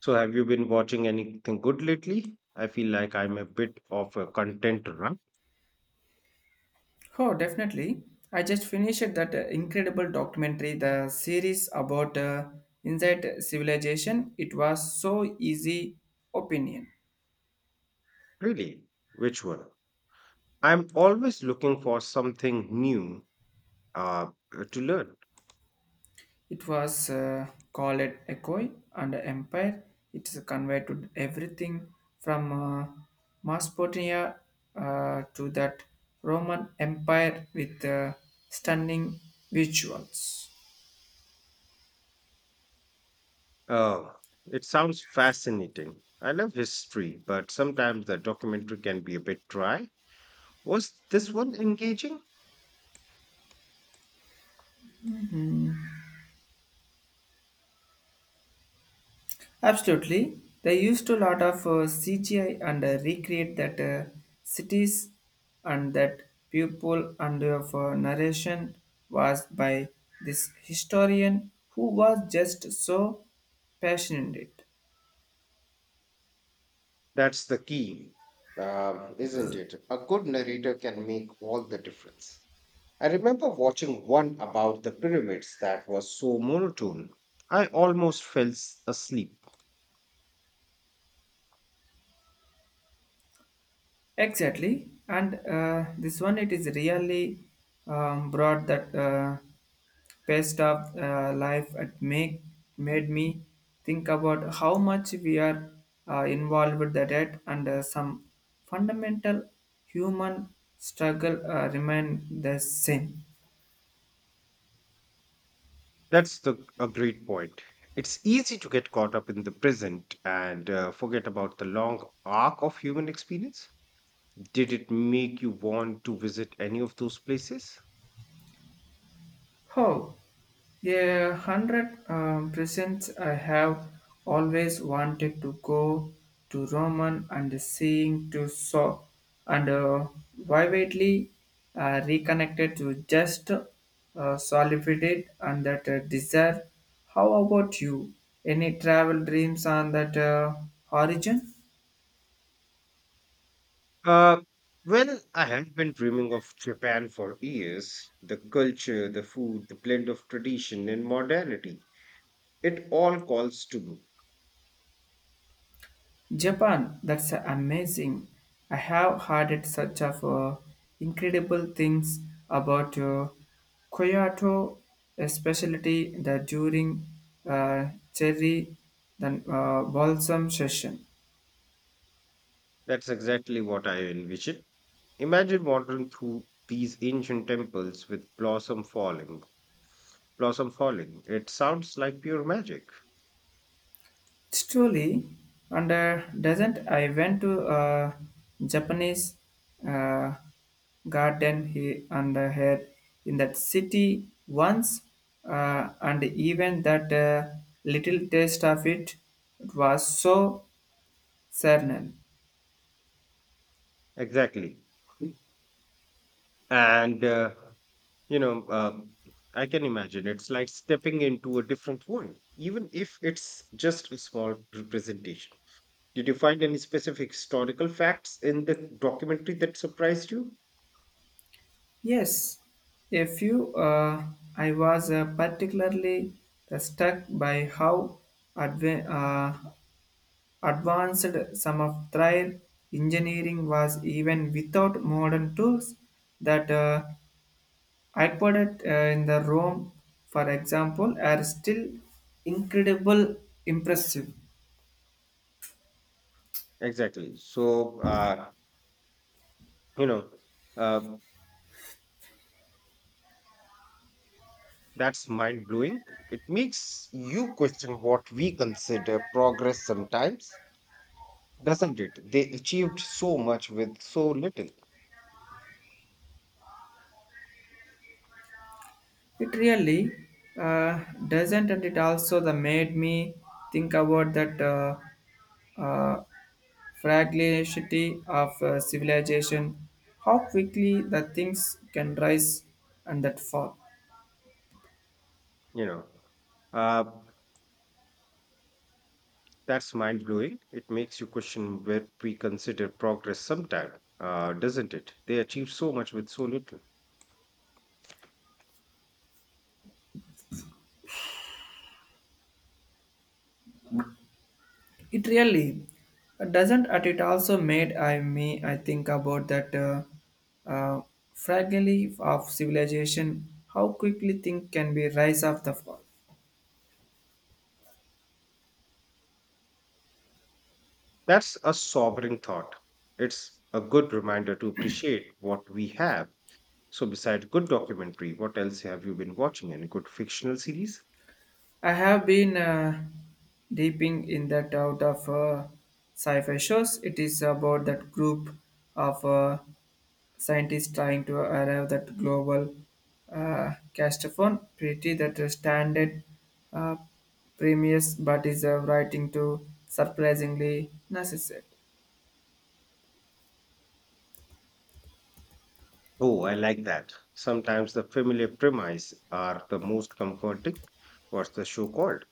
So, have you been watching anything good lately? I feel like I'm a bit of a content run. Oh, definitely. I just finished that incredible documentary, the series about inside civilization. It was so easy opinion. Really? Which one? I'm always looking for something new uh, to learn. It was called Echo and Empire. It's conveyed to everything from Mesopotamia to that Roman Empire with stunning visuals. Oh, it sounds fascinating. I love history, but sometimes the documentary can be a bit dry. Was this one engaging? Absolutely. They used a lot of CGI and recreate that cities and that people and of narration was by this historian who was just so passionate. That's the key, isn't it? A good narrator can make all the difference. I remember watching one about the pyramids that was so monotone. I almost asleep. Exactly, and this one it is really brought that best of life. It make made me think about how much we are involved with the debt and some fundamental human struggle remain the same. A great point. It's easy to get caught up in the present and forget about the long arc of human experience. Did it make you want to visit any of those places? Oh, a hundred percent. I have always wanted to go to Roman and seeing to saw and vividly reconnected to just solidified and that desire. How about you? Any travel dreams on that origin? Uh, well, I have been dreaming of Japan for years. The culture, the food, the blend of tradition and modernity. It all calls to me. Japan, that's amazing. I have heard it such of incredible things about Kyoto, especially the during uh, cherry the balsam session. That's exactly what I envision. Imagine wandering through these ancient temples with blossom falling. Blossom falling. It sounds like pure magic. It's truly, and doesn't I went to a Japanese uh, garden he and here in that city once, and even that little taste of it, it was so certain. Exactly. And, you know, um, I can imagine it's like stepping into a different world, even if it's just a small representation. Did you find any specific historical facts in the documentary that surprised you? Yes, a few. I was particularly struck by how adve- uh, advanced software engineering was even without modern tools that occurred in the Rome, for example, are still incredible impressive. Exactly. So, you know, um, that's mind blowing. It makes you question what we consider progress sometimes. Doesn't it? They achieved so much with so little, It really uh, doesn't, and it also the made me think about that uh, fragility of civilization, how quickly the things can rise and that fall. you know. Uh, that's mind blowing. It makes you question where we consider progress sometime, doesn't it? They achieved so much with so little. It really doesn't, and it also made I think about that uh, fragility of civilization. How quickly things can be rise of the fall. That's a sobering thought. It's a good reminder to appreciate what we have. So, besides good documentary, what else have you been watching? Any good fictional series? I have been deeping in that out of sci-fi shows. It is about that group of scientists trying to arrive that global castophone pretty that the standard uh, premiers but is writing to surprisingly necessary. Oh, I like that. Sometimes the familiar premise are the most comforting. What's the show called?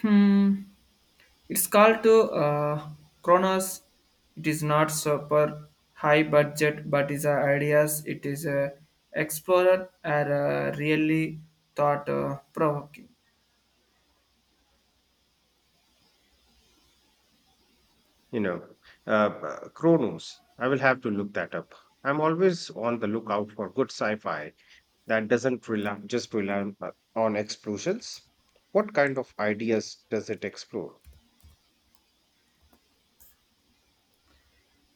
Hmm. It's called to Kronos. It is not super high budget, but is ideas. It is a explorer are really thought provoking. You know, Chronos. I will have to look that up. I'm always on the lookout for good sci-fi that doesn't rely just rely on explosions. What kind of ideas does it explore?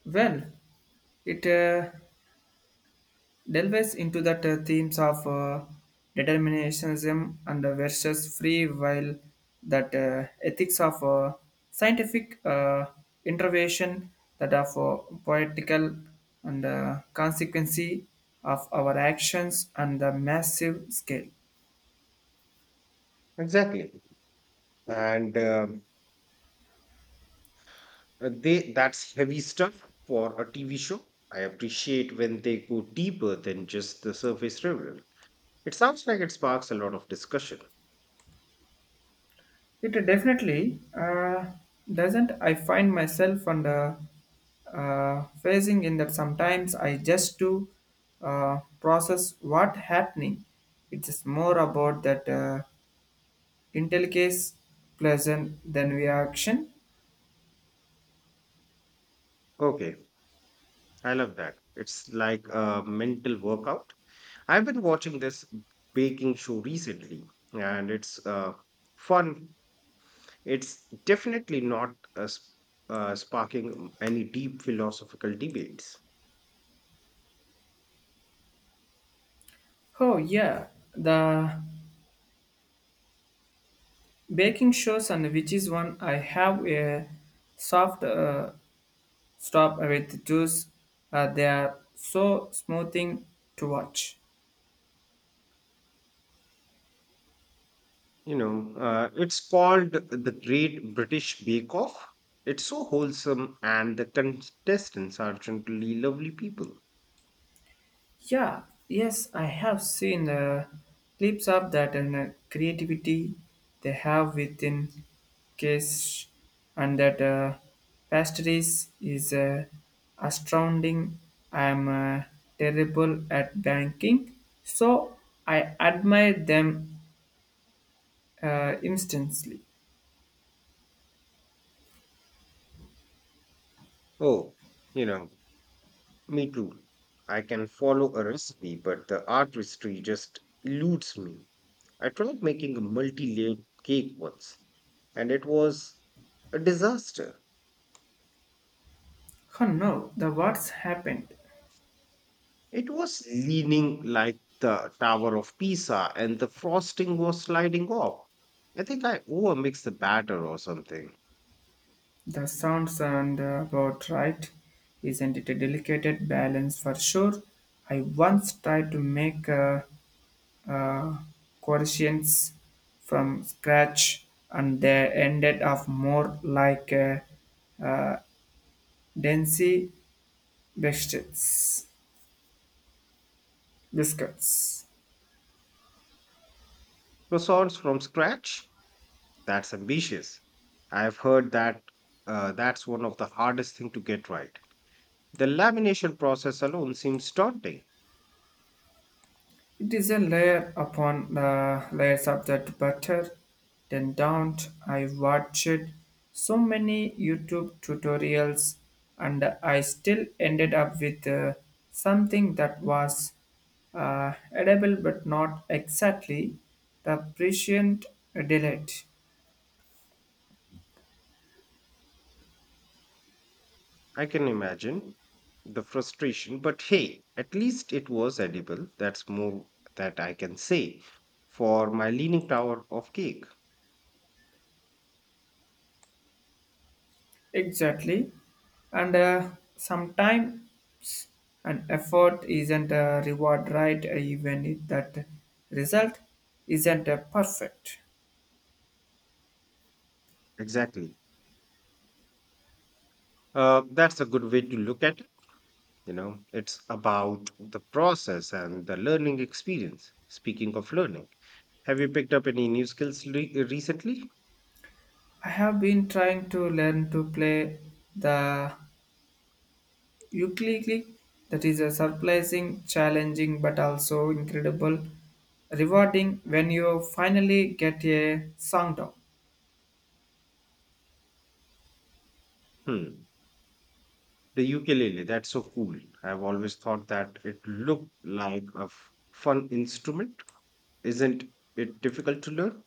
Well, it delves into the themes of determinism and versus free will, that ethics of scientific intervention, that of poetical and consequence of our actions on the massive scale. Exactly. And they that's heavy stuff for a TV show. I appreciate when they go deeper than just the surface level. It sounds like it sparks a lot of discussion. It definitely doesn't. I find myself on the phasing in that sometimes I just do process what happening. It is more about that intelligence pleasant than reaction. Okay, I love that. It's like a mental workout. I've been watching this baking show recently, and it's fun. It's definitely not sparking any deep philosophical debates. Oh yeah, the baking shows and which is one I have a soft stop with juice. They are so smoothing to watch. It's called the Great British Bake Off. It's so wholesome, and the contestants are generally lovely people. Yeah, yes, I have seen clips of that and creativity they have within case and that pastries is astounding. I'm terrible at banking, so I admire them instantly. Oh, you know, me too. I can follow a recipe, but the artistry just eludes me. I tried making a multi layered cake once, and it was a disaster. Oh no, the what's happened? It was leaning like the Tower of Pisa, and the frosting was sliding off. I think I overmixed the batter or something. That sounds and about right. Isn't it a delicate balance for sure? I once tried to make uh, quotients from scratch, and they ended up more like uh, densy biscuits. Biscuits. Croissants from scratch? That's ambitious. I've heard that that's one of the hardest things to get right. The lamination process alone seems daunting. It is a layer upon the layers of that butter. Then don't I watched so many YouTube tutorials and I still ended up with something that was edible but not exactly the prescient delight. I can imagine the frustration, but hey, at least it was edible. That's more that I can say for my leaning tower of cake. Exactly. And sometimes an effort isn't a reward, right? Even if that result isn't a perfect. Exactly. That's a good way to look at it. You know, it's about the process and the learning experience. Speaking of learning, have you picked up any new recently? I have been trying to learn to play the ukulele. That is a surprising, challenging, but also incredible, rewarding when you finally get a song down. Hmm. The ukulele, that's so cool. I've always thought that it looked like fun instrument. Isn't it difficult to learn?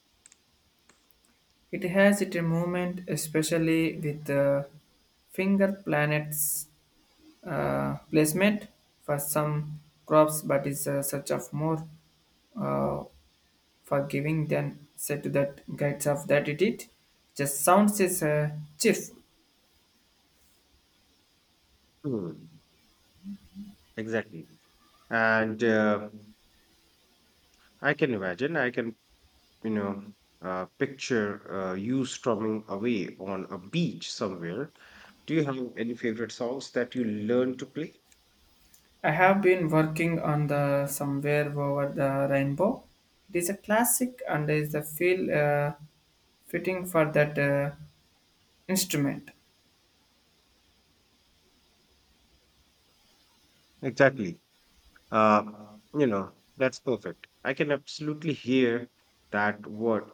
It has its moment, especially with the finger planets placement for some crops, but is such of more uh, forgiving than said to that guides of that it just sounds is cheerful. Hmm, exactly. And I can imagine, I can, you know, picture you strumming away on a beach somewhere. Do you have any favorite songs that you learn to play? I have been working on the somewhere over the rainbow. It is a classic and is a feel fitting for that instrument. Exactly. That's perfect. I can absolutely hear that word,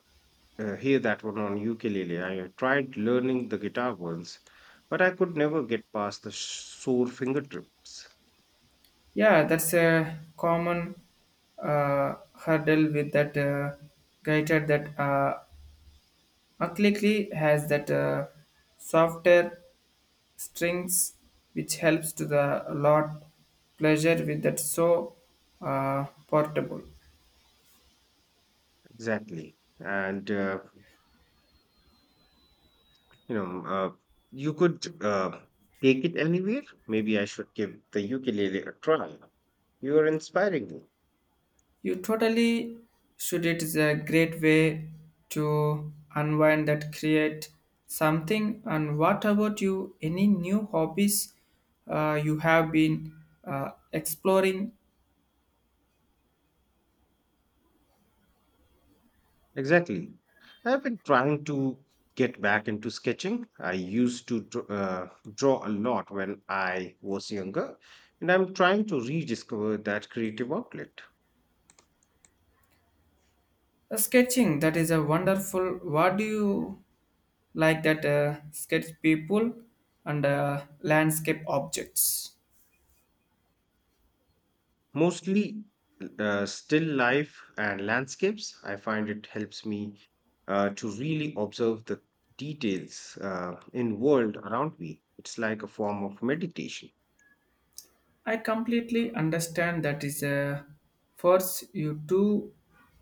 hear that one on ukulele. I tried learning the guitar once, but I could never get past the sore fingertips. Yeah, that's a common hurdle with that guitar that completely has that softer strings which helps to the lot pleasure with that so portable. Exactly. And you know, you could take it anywhere. Maybe I should give the ukulele a try. You are inspiring me. You totally should it is a great way to unwind that create something and what about you any new hobbies you have been exploring. Exactly. I've been trying to get back into sketching. I used to draw a lot when I was younger, and I'm trying to rediscover that creative outlet. Sketching that is a wonderful. What do you like that sketch people and landscape objects? Mostly still life and landscapes. I find it helps me to really observe the details in world around me. It's like a form of meditation. I completely understand that is a force you to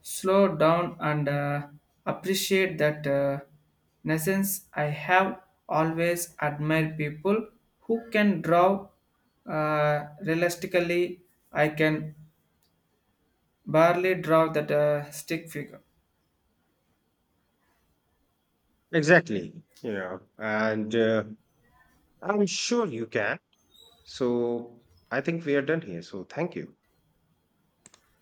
slow down and appreciate that in I have always admired people who can draw realistically I can barely draw that stick figure Exactly. you know and I'm sure you can. So I think we are done here, so thank you.